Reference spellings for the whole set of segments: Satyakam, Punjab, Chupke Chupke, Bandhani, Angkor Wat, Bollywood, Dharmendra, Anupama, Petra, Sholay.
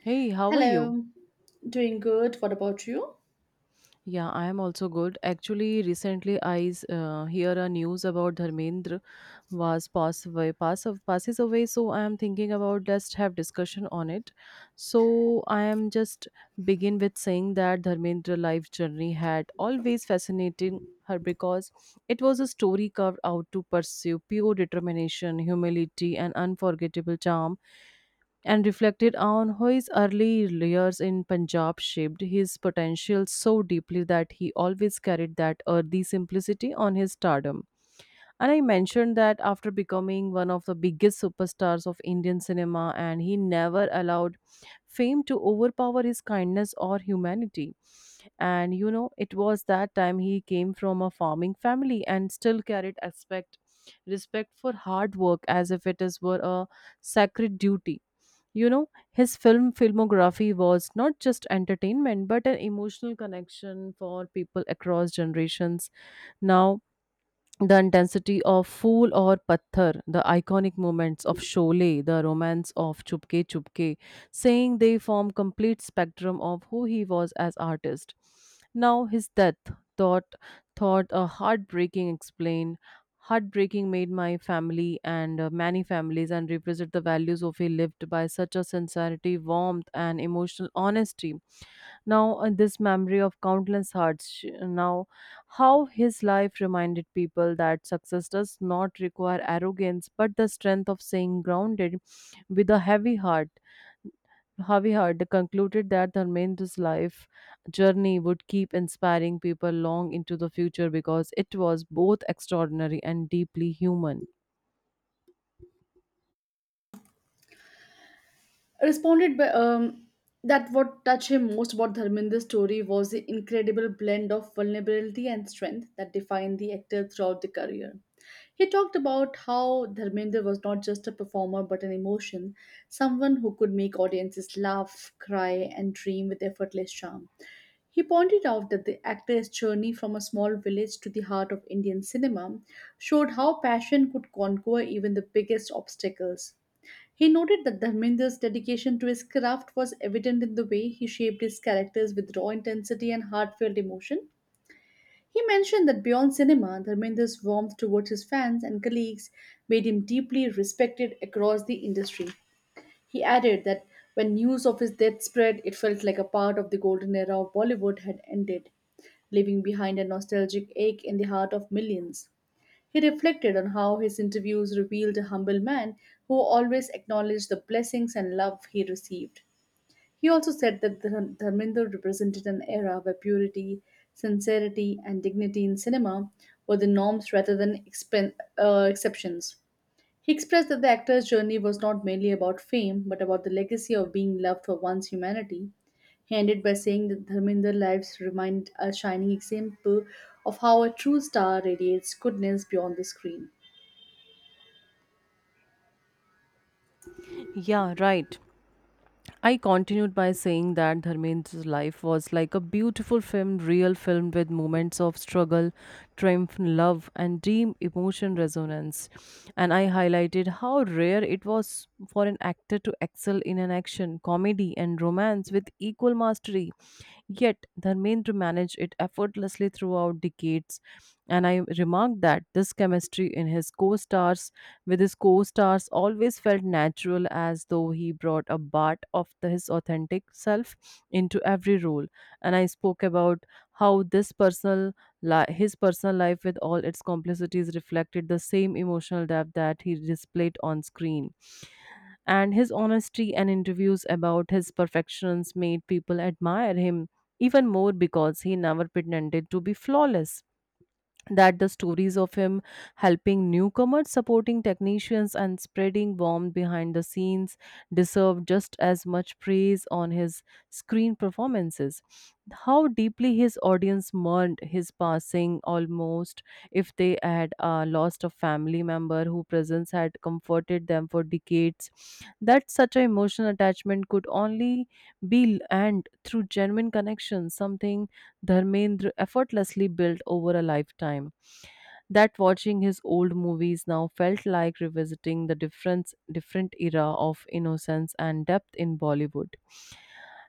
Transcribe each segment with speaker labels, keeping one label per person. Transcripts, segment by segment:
Speaker 1: Hey, how are you?
Speaker 2: Hello, doing good. What about you?
Speaker 1: Yeah, I am also good. Actually, recently I hear a news about Dharmendra was passes away. So I am thinking about just have discussion on it. So I am just begin with saying that Dharmendra life journey had always fascinated her because it was a story carved out to pursue pure determination, humility, and unforgettable charm, and reflected on how his early years in Punjab shaped his potential so deeply that he always carried that earthy simplicity on his stardom. And I mentioned that after becoming one of the biggest superstars of Indian cinema, and he never allowed fame to overpower his kindness or humanity. And it was that time he came from a farming family and still carried aspect respect for hard work as if it is were a sacred duty. His filmography was not just entertainment but an emotional connection for people across generations. Now, the intensity of Fool or Patthar, the iconic moments of Sholay, the romance of Chupke Chupke, saying they form complete spectrum of who he was as artist. Now his death thought thought a heartbreaking made my family and many families and represent the values of he lived by such a sincerity, warmth, and emotional honesty. Now, this memory of countless hearts, now, how his life reminded people that success does not require arrogance but the strength of staying grounded. With a heavy heart, they concluded that Dharmendra's life journey would keep inspiring people long into the future because it was both extraordinary and deeply human.
Speaker 2: Responded by that what touched him most about Dharminder's story was the incredible blend of vulnerability and strength that defined the actor throughout the career. He talked about how Dharminder was not just a performer but an emotion, someone who could make audiences laugh, cry, and dream with effortless charm. He pointed out that the actor's journey from a small village to the heart of Indian cinema showed how passion could conquer even the biggest obstacles. He noted that Dharmendra's dedication to his craft was evident in the way he shaped his characters with raw intensity and heartfelt emotion. He mentioned that beyond cinema, Dharmendra's warmth towards his fans and colleagues made him deeply respected across the industry. He added that when news of his death spread, it felt like a part of the golden era of Bollywood had ended, leaving behind a nostalgic ache in the heart of millions. He reflected on how his interviews revealed a humble man who always acknowledged the blessings and love he received. He also said that Dharminder represented an era where purity, sincerity, and dignity in cinema were the norms rather than exceptions. He expressed that the actor's journey was not merely about fame, but about the legacy of being loved for one's humanity. He ended by saying that Dharminder lives remained a shining example of how a true star radiates goodness beyond the screen.
Speaker 1: Yeah, right. I continued by saying that Dharmendra's life was like a beautiful film, real film with moments of struggle, triumph, love, and deep emotion resonance. And I highlighted how rare it was for an actor to excel in an action, comedy, and romance with equal mastery. Yet, Dharmendra managed it effortlessly throughout decades, and I remarked that this chemistry in his co-stars with his co-stars always felt natural, as though he brought a part of his authentic self into every role. And I spoke about how his personal life with all its complexities reflected the same emotional depth that he displayed on screen, and his honesty and interviews about his perfections made people admire him even more because he never pretended to be flawless. That the stories of him helping newcomers, supporting technicians, and spreading warmth behind the scenes deserve just as much praise on his screen performances. How deeply his audience mourned his passing, almost if they had lost a family member whose presence had comforted them for decades. That such an emotional attachment could only be earned through genuine connection, something Dharmendra effortlessly built over a lifetime. That watching his old movies now felt like revisiting the difference different era of innocence and depth in Bollywood,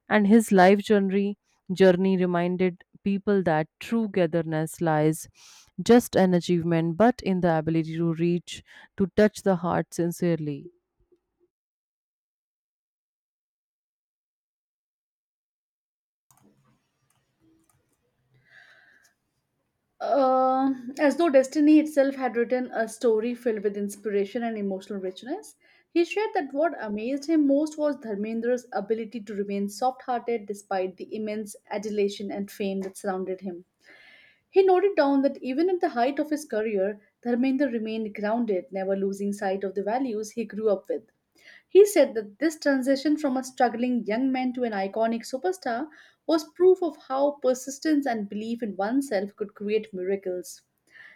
Speaker 1: and his life journey reminded people that true togetherness lies just an achievement but in the ability to reach to touch the heart sincerely.
Speaker 2: As though destiny itself had written a story filled with inspiration and emotional richness, he shared that what amazed him most was Dharmendra's ability to remain soft hearted despite the immense adulation and fame that surrounded him. He noted down that even at the height of his career, Dharmendra remained grounded, never losing sight of the values he grew up with. He said that this transition from a struggling young man to an iconic superstar was proof of how persistence and belief in oneself could create miracles.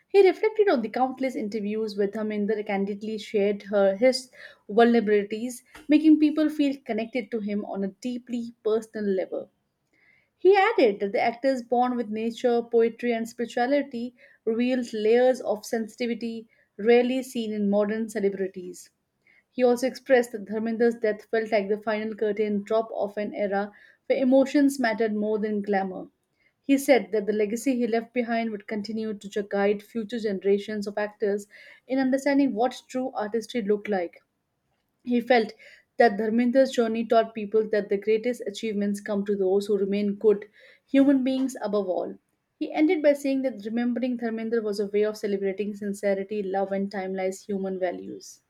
Speaker 2: He reflected on the countless interviews with Dharminder candidly shared her his vulnerabilities, making people feel connected to him on a deeply personal level. He added that the actors bond with nature, poetry, and spirituality revealed layers of sensitivity rarely seen in modern celebrities. He also expressed that Dharmender's death felt like the final curtain drop of an era where emotions mattered more than glamour. He said that the legacy he left behind would continue to guide future generations of actors in understanding what true artistry looked like. He felt that Dharmender's journey taught people that the greatest achievements come to those who remain good human beings above all. He ended by saying that remembering Dharmender was a way of celebrating sincerity, love, and timeless human values.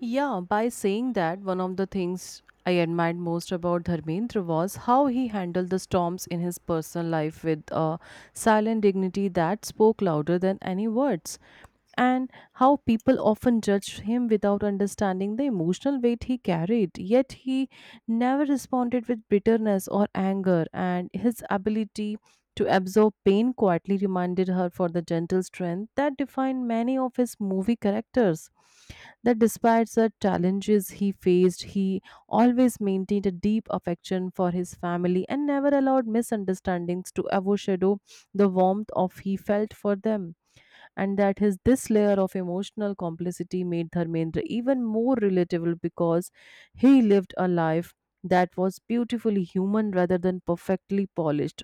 Speaker 1: Yeah, by saying that, one of the things I admired most about Dharmendra was how he handled the storms in his personal life with a silent dignity that spoke louder than any words, and how people often judged him without understanding the emotional weight he carried. Yet he never responded with bitterness or anger, and his ability to absorb pain quietly reminded her for the gentle strength that defined many of his movie characters. That despite the challenges he faced, he always maintained a deep affection for his family and never allowed misunderstandings to overshadow the warmth of he felt for them, and that his this layer of emotional complicity made Dharmendra even more relatable because he lived a life that was beautifully human rather than perfectly polished.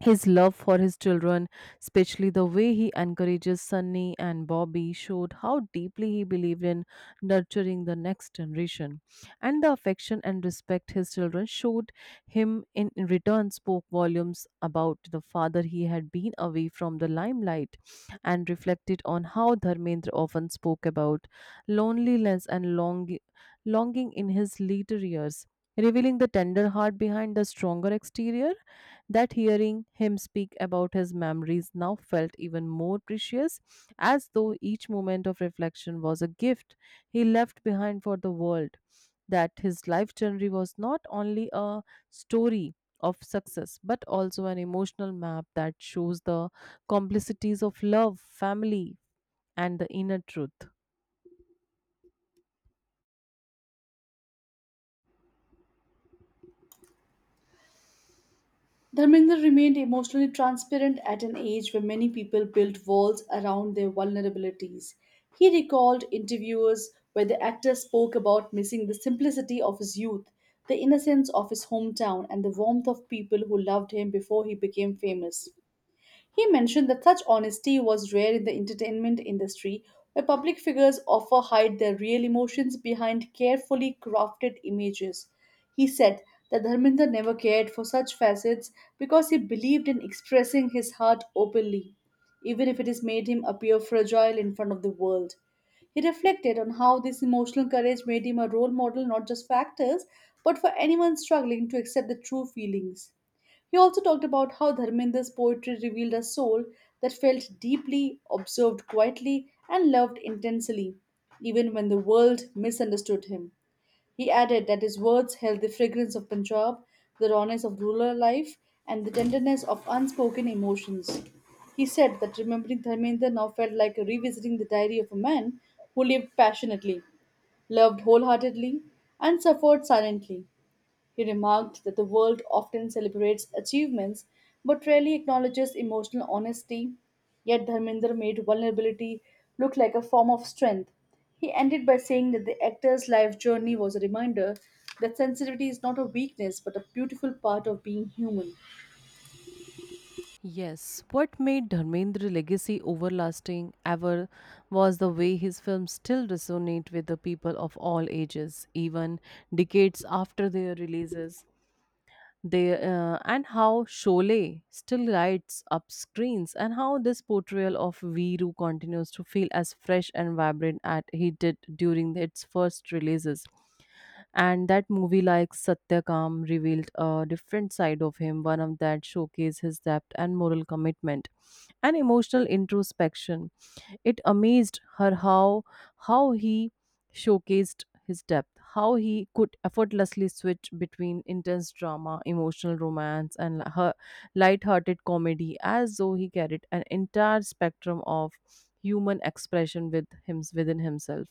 Speaker 1: His love for his children, especially the way he encourages Sunny and Bobby, showed how deeply he believed in nurturing the next generation. And the affection and respect his children showed him in return spoke volumes about the father he had been away from the limelight, and reflected on how Dharmendra often spoke about loneliness and longing in his later years, revealing the tender heart behind the stronger exterior. That hearing him speak about his memories now felt even more precious, as though each moment of reflection was a gift he left behind for the world. That his life journey was not only a story of success, but also an emotional map that shows the complexities of love, family, and the inner truth.
Speaker 2: Dharmendra remained emotionally transparent at an age where many people built walls around their vulnerabilities. He recalled interviews where the actor spoke about missing the simplicity of his youth, the innocence of his hometown, and the warmth of people who loved him before he became famous. He mentioned that such honesty was rare in the entertainment industry, where public figures often hide their real emotions behind carefully crafted images. He said that Dharminder never cared for such facets, because he believed in expressing his heart openly, even if it has made him appear fragile in front of the world. He reflected on how this emotional courage made him a role model not just for actors, but for anyone struggling to accept the true feelings. He also talked about how Dharmendra's poetry revealed a soul that felt deeply, observed quietly, and loved intensely, even when the world misunderstood him. He added that his words held the fragrance of Punjab, the rawness of rural life, and the tenderness of unspoken emotions. He said that remembering Dharmendra now felt like revisiting the diary of a man who lived passionately, loved wholeheartedly, and suffered silently. He remarked that the world often celebrates achievements but rarely acknowledges emotional honesty, yet Dharminder made vulnerability look like a form of strength. He ended by saying that the actor's life journey was a reminder that sensitivity is not a weakness but a beautiful part of being human.
Speaker 1: Yes, what made Dharmendra's legacy overlasting ever was the way his films still resonate with the people of all ages, even decades after their releases. They and how Sholay still lights up screens, and how this portrayal of Viru continues to feel as fresh and vibrant as he did during its first releases. And that movie, like Satyakam, revealed a different side of him, one of that showcased his depth and moral commitment and emotional introspection. It amazed her how he showcased his depth, how he could effortlessly switch between intense drama, emotional romance, and her light-hearted comedy, as though he carried an entire spectrum of human expression with him within himself.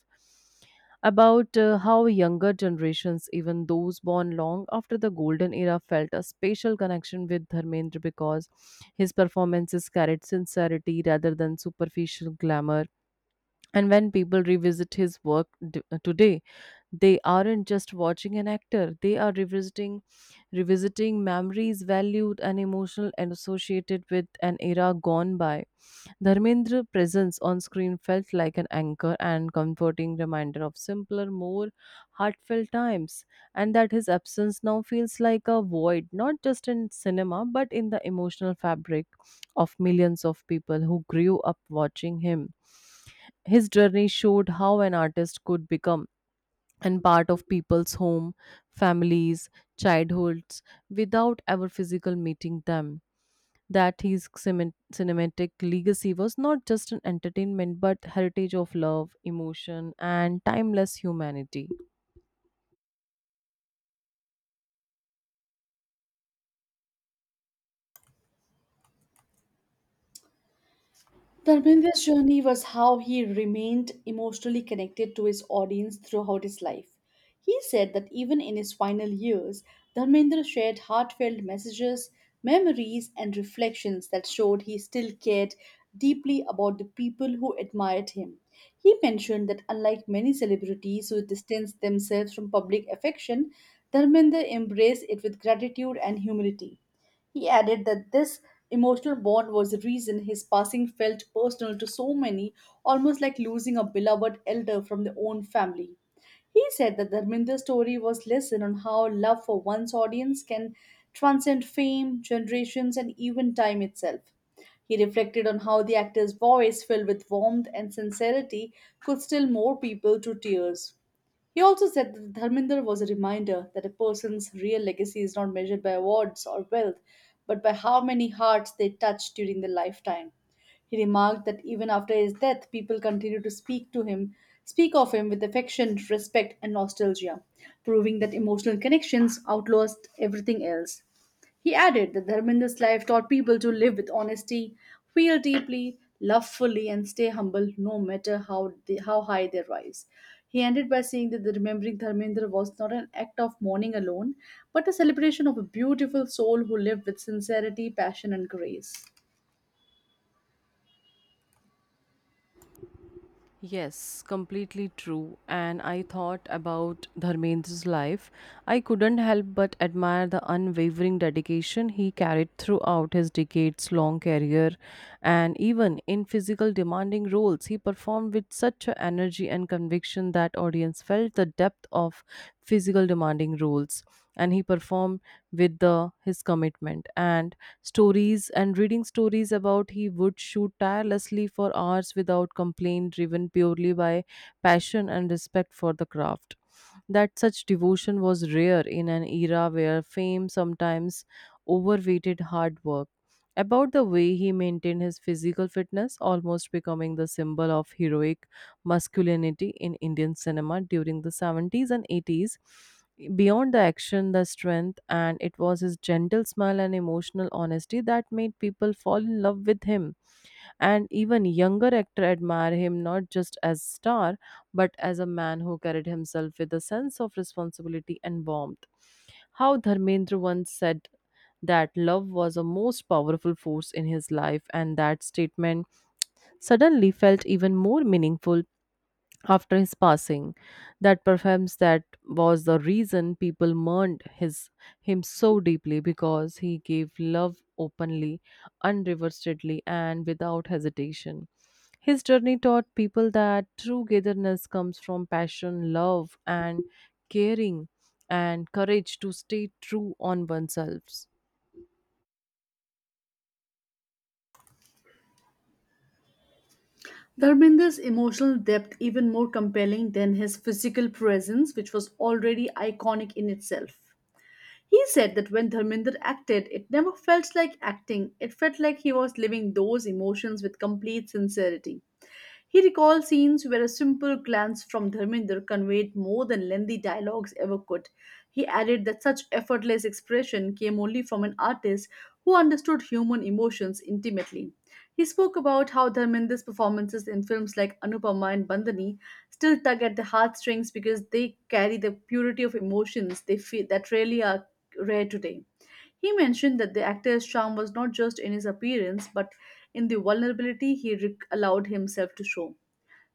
Speaker 1: About how younger generations, even those born long after the golden era, felt a special connection with Dharmendra because his performances carried sincerity rather than superficial glamour, and when people revisit his work today, they aren't just watching an actor; they are revisiting memories valued and emotional and associated with an era gone by. Dharmendra's presence on screen felt like an anchor and comforting reminder of simpler, more heartfelt times, and that his absence now feels like a void, not just in cinema but in the emotional fabric of millions of people who grew up watching him. His journey showed how an artist could become and part of people's home, families, childhoods without ever physical meeting them, that his cinematic legacy was not just an entertainment but heritage of love, emotion, and timeless humanity.
Speaker 2: Dharmendra's journey was how he remained emotionally connected to his audience throughout his life. He said that even in his final years, Dharmendra shared heartfelt messages, memories, and reflections that showed he still cared deeply about the people who admired him. He mentioned that unlike many celebrities who distanced themselves from public affection, Dharmendra embraced it with gratitude and humility. He added that this emotional bond was the reason his passing felt personal to so many, almost like losing a beloved elder from their own family. He said that Dharminder's story was lesson on how love for one's audience can transcend fame, generations, and even time itself. He reflected on how the actor's voice, filled with warmth and sincerity, could still more people to tears. He also said that Dharminder was a reminder that a person's real legacy is not measured by awards or wealth, but by how many hearts they touch during their lifetime. He remarked that even after his death, people continue to speak to him, speak of him with affection, respect, and nostalgia, proving that emotional connections outlast everything else. He added that Dharmendra's life taught people to live with honesty, feel deeply, love fully, and stay humble no matter how high they rise. He ended by saying that the remembering Dharmendra was not an act of mourning alone, but a celebration of a beautiful soul who lived with sincerity, passion, and grace.
Speaker 1: Yes, completely true. And I thought about Dharmendra's life. I couldn't help but admire the unwavering dedication he carried throughout his decades long career. And even in physical demanding roles, he performed with such a energy and conviction that audience felt the depth of physical demanding roles. And he performed with his commitment. And stories and reading stories about he would shoot tirelessly for hours without complaint, driven purely by passion and respect for the craft, that such devotion was rare in an era where fame sometimes overweighted hard work, about the way he maintained his physical fitness, almost becoming the symbol of heroic masculinity in Indian cinema during the 70s and 80s. Beyond the action, the strength, and it was his gentle smile and emotional honesty that made people fall in love with him. And even younger actors admire him not just as star, but as a man who carried himself with a sense of responsibility and warmth. How Dharmendra once said that love was a most powerful force in his life, and that statement suddenly felt even more meaningful after his passing, that perhaps that was the reason people mourned his him so deeply because he gave love openly, unreservedly, and without hesitation. His journey taught people that true togetherness comes from passion, love, and caring, and courage to stay true on oneself.
Speaker 2: Dharmendra's emotional depth even more compelling than his physical presence, which was already iconic in itself. He said that when Dharminder acted, it never felt like acting, it felt like he was living those emotions with complete sincerity. He recalled scenes where a simple glance from Dharminder conveyed more than lengthy dialogues ever could. He added that such effortless expression came only from an artist who understood human emotions intimately. He spoke about how Dharminder's performances in films like Anupama and Bandhani still tug at the heartstrings because they carry the purity of emotions they feel that really are rare today. He mentioned that the actor's charm was not just in his appearance, but in the vulnerability he allowed himself to show.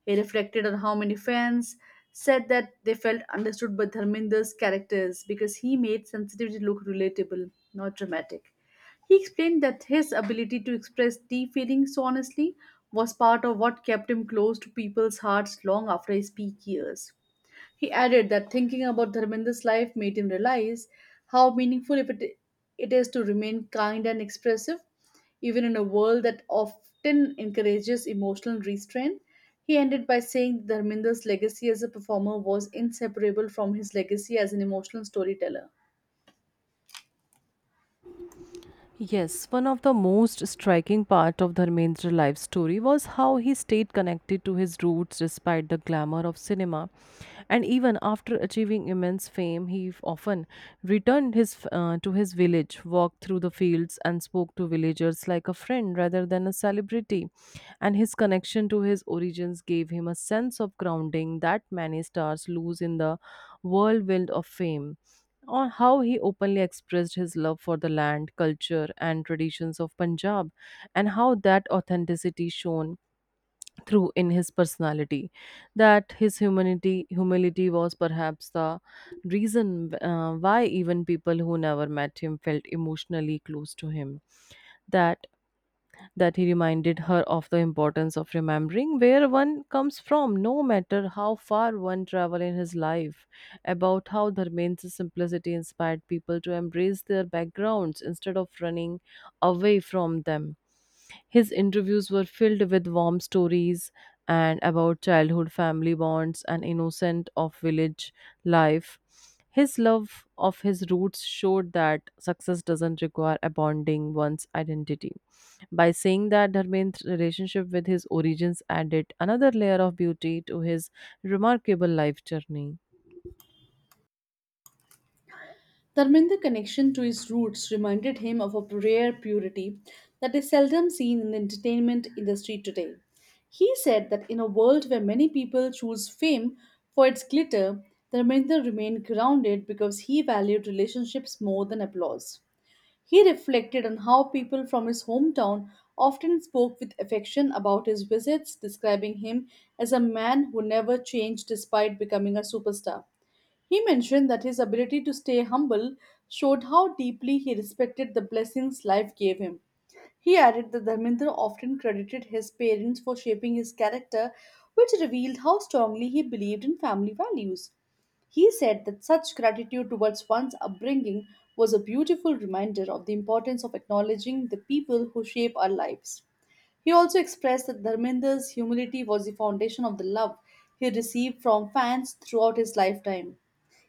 Speaker 2: He reflected on how many fans said that they felt understood by Dharminder's characters because he made sensitivity look relatable, not dramatic. He explained that his ability to express deep feelings so honestly was part of what kept him close to people's hearts long after his peak years. He added that thinking about Dharmendra's life made him realize how meaningful it is to remain kind and expressive, even in a world that often encourages emotional restraint. He ended by saying that Dharmendra's legacy as a performer was inseparable from his legacy as an emotional storyteller.
Speaker 1: Yes, one of the most striking part of Dharmendra's life story was how he stayed connected to his roots despite the glamour of cinema. And even after achieving immense fame, he often returned his to his village, walked through the fields and spoke to villagers like a friend rather than a celebrity. And his connection to his origins gave him a sense of grounding that many stars lose in the whirlwind of fame, on how he openly expressed his love for the land, culture, and traditions of Punjab, and how that authenticity shone through in his personality. That his humility was perhaps the reason why even people who never met him felt emotionally close to him. That that he reminded her of the importance of remembering where one comes from, no matter how far one travel in his life, about how Dharmendra's simplicity inspired people to embrace their backgrounds instead of running away from them. His interviews were filled with warm stories and about childhood family bonds and innocent of village life. His love of his roots showed that success doesn't require abandoning one's identity. By saying that, Dharmendra's relationship with his origins added another layer of beauty to his remarkable life journey.
Speaker 2: Dharmendra's connection to his roots reminded him of a rare purity that is seldom seen in the entertainment industry today. He said that in a world where many people choose fame for its glitter, Dharmendra remained grounded because he valued relationships more than applause. He reflected on how people from his hometown often spoke with affection about his visits, describing him as a man who never changed despite becoming a superstar. He mentioned that his ability to stay humble showed how deeply he respected the blessings life gave him. He added that Dharmendra often credited his parents for shaping his character, which revealed how strongly he believed in family values. He said that such gratitude towards one's upbringing was a beautiful reminder of the importance of acknowledging the people who shape our lives. He also expressed that Dharmender's humility was the foundation of the love he received from fans throughout his lifetime.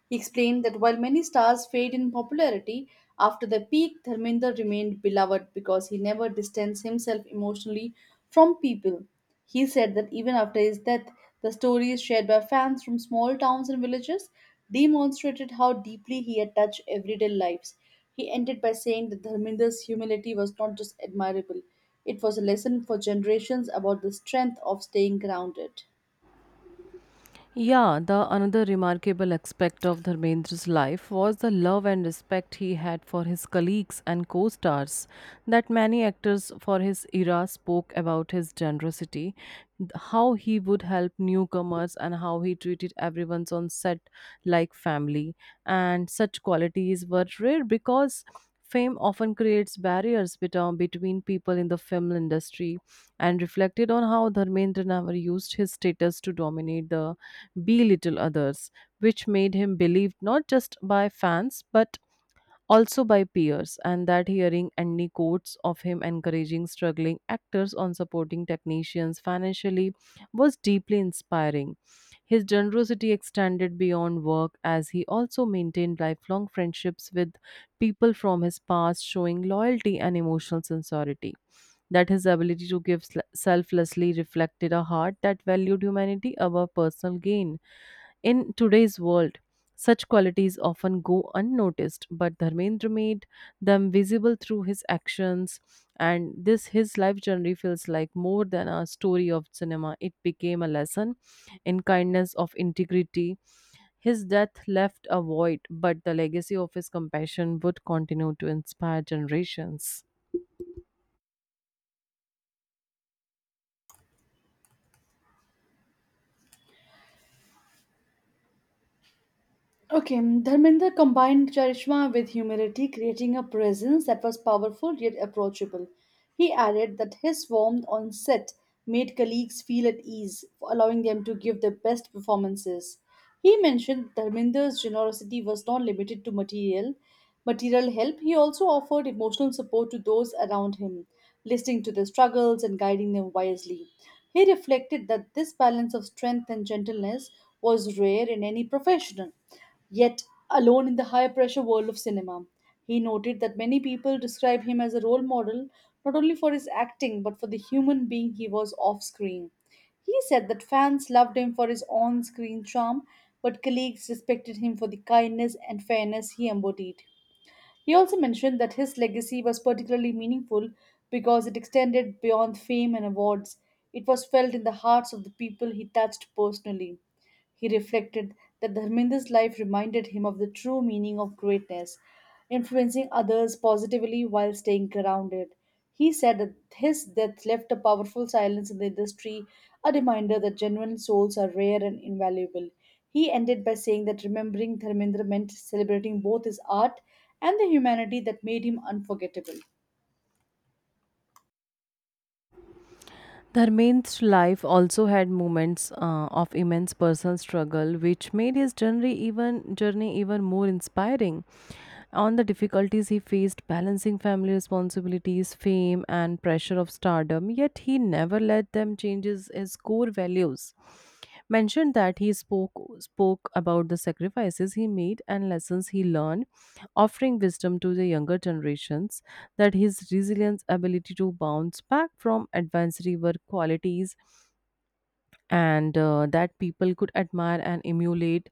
Speaker 2: He explained that while many stars fade in popularity after their peak, Dharmendra remained beloved because he never distanced himself emotionally from people. He said that even after his death, the stories shared by fans from small towns and villages demonstrated how deeply he had touched everyday lives. He ended by saying that Dharmendra's humility was not just admirable, it was a lesson for generations about the strength of staying grounded.
Speaker 1: Yeah, the another remarkable aspect of Dharmendra's life was the love and respect he had for his colleagues and co-stars, that many actors for his era spoke about his generosity, how he would help newcomers and how he treated everyone on set like family. And such qualities were rare because fame often creates barriers between people in the film industry and reflected on how Dharmendra never used his status to dominate the belittle others, which made him believed not just by fans but also by peers. And that hearing any quotes of him encouraging struggling actors on supporting technicians financially was deeply inspiring. His generosity extended beyond work as he also maintained lifelong friendships with people from his past, showing loyalty and emotional sincerity. That his ability to give selflessly reflected a heart that valued humanity above personal gain. In today's world, such qualities often go unnoticed, but Dharmendra made them visible through his actions, and this his life journey feels like more than a story of cinema. It became a lesson in kindness of integrity. His death left a void, but the legacy of his compassion would continue to inspire generations.
Speaker 2: Okay, Dharmendra combined charisma with humility, creating a presence that was powerful yet approachable. He added that his warmth on set made colleagues feel at ease, allowing them to give their best performances. He mentioned Dharmendra's generosity was not limited to material. Material help, he also offered emotional support to those around him, listening to their struggles and guiding them wisely. He reflected that this balance of strength and gentleness was rare in any professional. Yet, alone in the high pressure world of cinema, he noted that many people describe him as a role model not only for his acting but for the human being he was off screen. He said that fans loved him for his on screen charm, but colleagues respected him for the kindness and fairness he embodied. He also mentioned that his legacy was particularly meaningful because it extended beyond fame and awards. It was felt in the hearts of the people he touched personally. He reflected that Dharmendra's life reminded him of the true meaning of greatness, influencing others positively while staying grounded. He said that his death left a powerful silence in the industry, a reminder that genuine souls are rare and invaluable. He ended by saying that remembering Dharmendra meant celebrating both his art and the humanity that made him unforgettable.
Speaker 1: Dharmendra's life also had moments of immense personal struggle, which made his journey even more inspiring. On the difficulties he faced balancing family responsibilities, fame, and pressure of stardom, yet he never let them change his core values mentioned that he spoke about the sacrifices he made and lessons he learned, offering wisdom to the younger generations that his resilience ability to bounce back from adversity were qualities and that people could admire and emulate.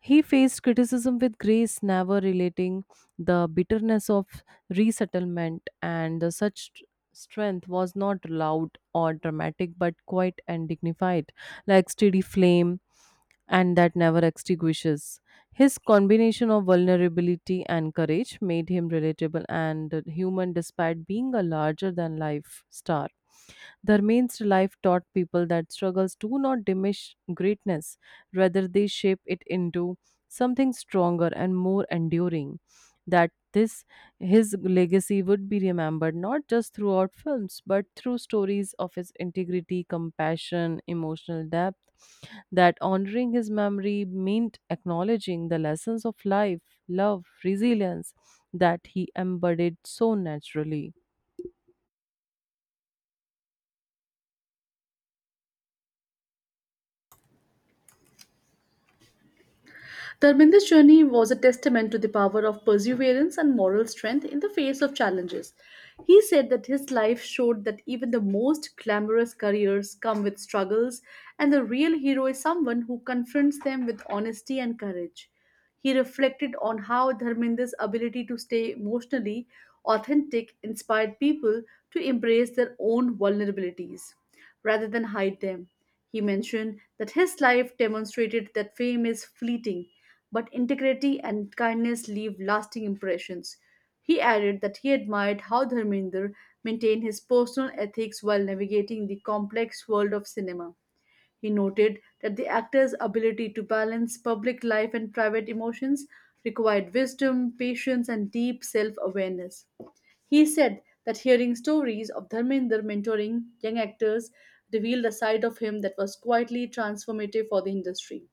Speaker 1: He faced criticism with grace, never relating the bitterness of resettlement, and the such strength was not loud or dramatic but quiet and dignified, like steady flame and that never extinguishes. His combination of vulnerability and courage made him relatable and human despite being a larger than life star. The life taught people that struggles do not diminish greatness, rather, they shape it into something stronger and more enduring. That this his legacy would be remembered not just throughout films but through stories of his integrity, compassion, emotional depth. That honoring his memory meant acknowledging the lessons of life, love, resilience that he embodied so naturally.
Speaker 2: Dharminder's journey was a testament to the power of perseverance and moral strength in the face of challenges. He said that his life showed that even the most glamorous careers come with struggles, and the real hero is someone who confronts them with honesty and courage. He reflected on how Dharminder's ability to stay emotionally authentic inspired people to embrace their own vulnerabilities rather than hide them. He mentioned that his life demonstrated that fame is fleeting, but integrity and kindness leave lasting impressions. He added that he admired how Dharminder maintained his personal ethics while navigating the complex world of cinema. He noted that the actor's ability to balance public life and private emotions required wisdom, patience, and deep self awareness. He said that hearing stories of Dharmender mentoring young actors revealed a side of him that was quietly transformative for the industry.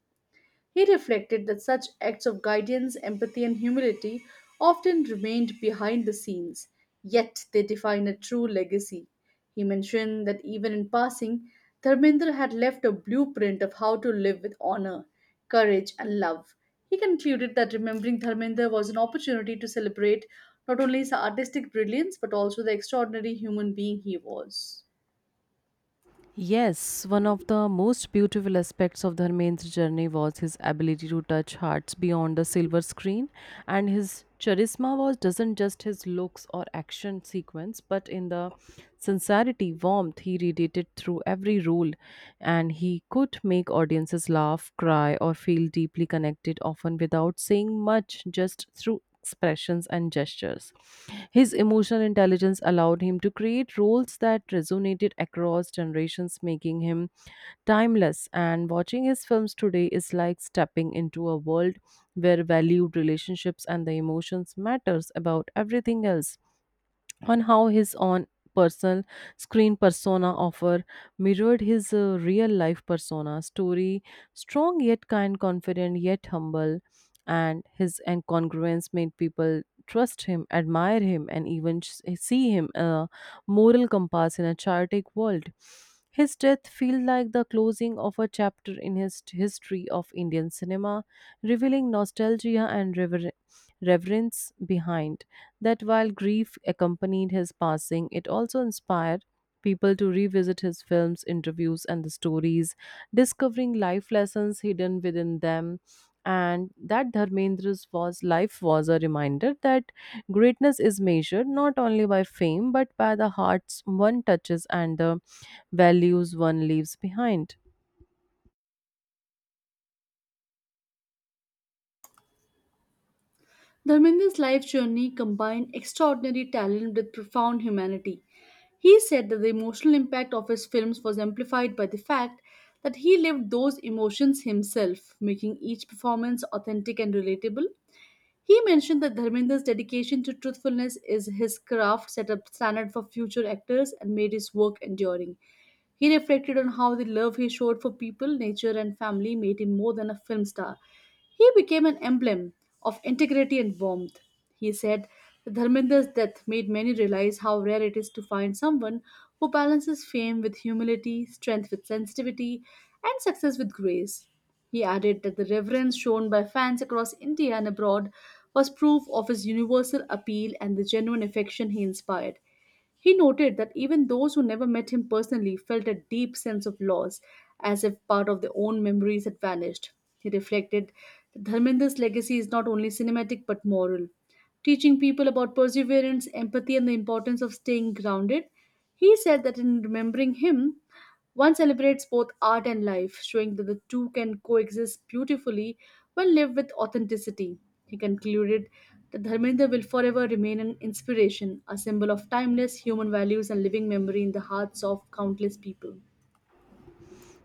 Speaker 2: He reflected that such acts of guidance, empathy, and humility often remained behind the scenes, yet they define a true legacy. He mentioned that even in passing, Dharmendra had left a blueprint of how to live with honor, courage, and love. He concluded that remembering Dharmendra was an opportunity to celebrate not only his artistic brilliance but also the extraordinary human being he was.
Speaker 1: Yes, one of the most beautiful aspects of Dharmendra's journey was his ability to touch hearts beyond the silver screen, and his charisma was doesn't just his looks or action sequence, but in the sincerity, warmth he radiated through every role, and he could make audiences laugh, cry, or feel deeply connected, often without saying much, just through expressions and gestures. His emotional intelligence allowed him to create roles that resonated across generations, making him timeless. And watching his films today is like stepping into a world where valued relationships and the emotions matters about everything else on how his own personal screen persona offer mirrored his real life persona story strong yet kind confident yet humble and his incongruence made people trust him admire him and even see him a moral compass in a chaotic world his death feels like the closing of a chapter in his history of Indian cinema revealing nostalgia and reverence behind. That while grief accompanied his passing, it also inspired people to revisit his films, interviews, and the stories, discovering life lessons hidden within them. And that Dharmendra's was life was a reminder that greatness is measured not only by fame but by the hearts one touches and the values one leaves behind.
Speaker 2: Dharmendra's life journey combined extraordinary talent with profound humanity. He said that the emotional impact of his films was amplified by the fact that he lived those emotions himself, making each performance authentic and relatable. He mentioned that Dharmendra's dedication to truthfulness is his craft set a standard for future actors and made his work enduring. He reflected on how the love he showed for people, nature, and family made him more than a film star. He became an emblem of integrity and warmth. He said, Dharmendra's death made many realize how rare it is to find someone who balances fame with humility, strength with sensitivity, and success with grace. He added that the reverence shown by fans across India and abroad was proof of his universal appeal and the genuine affection he inspired. He noted that even those who never met him personally felt a deep sense of loss, as if part of their own memories had vanished. He reflected that Dharmendra's legacy is not only cinematic but moral. Teaching people about perseverance, empathy, and the importance of staying grounded, he said that in remembering him, one celebrates both art and life, showing that the two can coexist beautifully when lived with authenticity. He concluded that Dharmendra will forever remain an inspiration, a symbol of timeless human values and living memory in the hearts of countless people.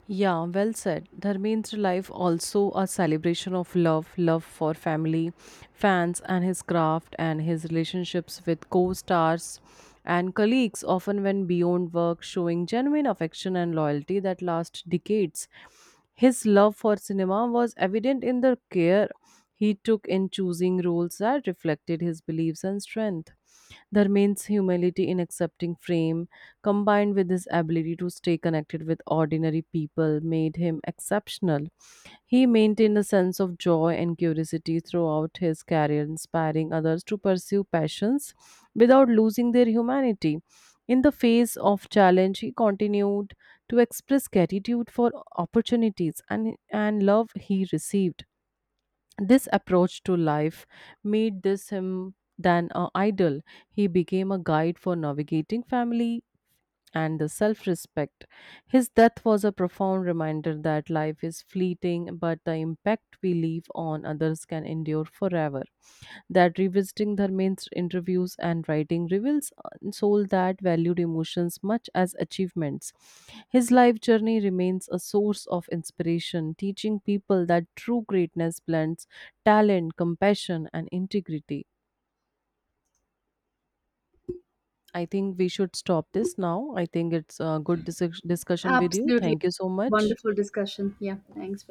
Speaker 1: Yeah, well said. Dharmendra life also a celebration of love, love for family, fans and his craft and his relationships with co-stars and colleagues often went beyond work showing genuine affection and loyalty that last decades. His love for cinema was evident in the care he took in choosing roles that reflected his beliefs and strength. There means humility in accepting fame, combined with his ability to stay connected with ordinary people, made him exceptional. He maintained a sense of joy and curiosity throughout his career, inspiring others to pursue passions without losing their humanity. In the face of challenge, he continued to express gratitude for opportunities and love he received this approach to life made this him than an idol. He became a guide for navigating family and the self respect. His death was a profound reminder that life is fleeting, but the impact we leave on others can endure forever. That revisiting Dharmendra's interviews and writing reveals a soul that valued emotions much as achievements. His life journey remains a source of inspiration, teaching people that true greatness blends talent, compassion, and integrity. I think we should stop this now. I think it's a good discussion with you.
Speaker 2: Absolutely.
Speaker 1: Thank you so much.
Speaker 2: Wonderful discussion. Yeah, thanks.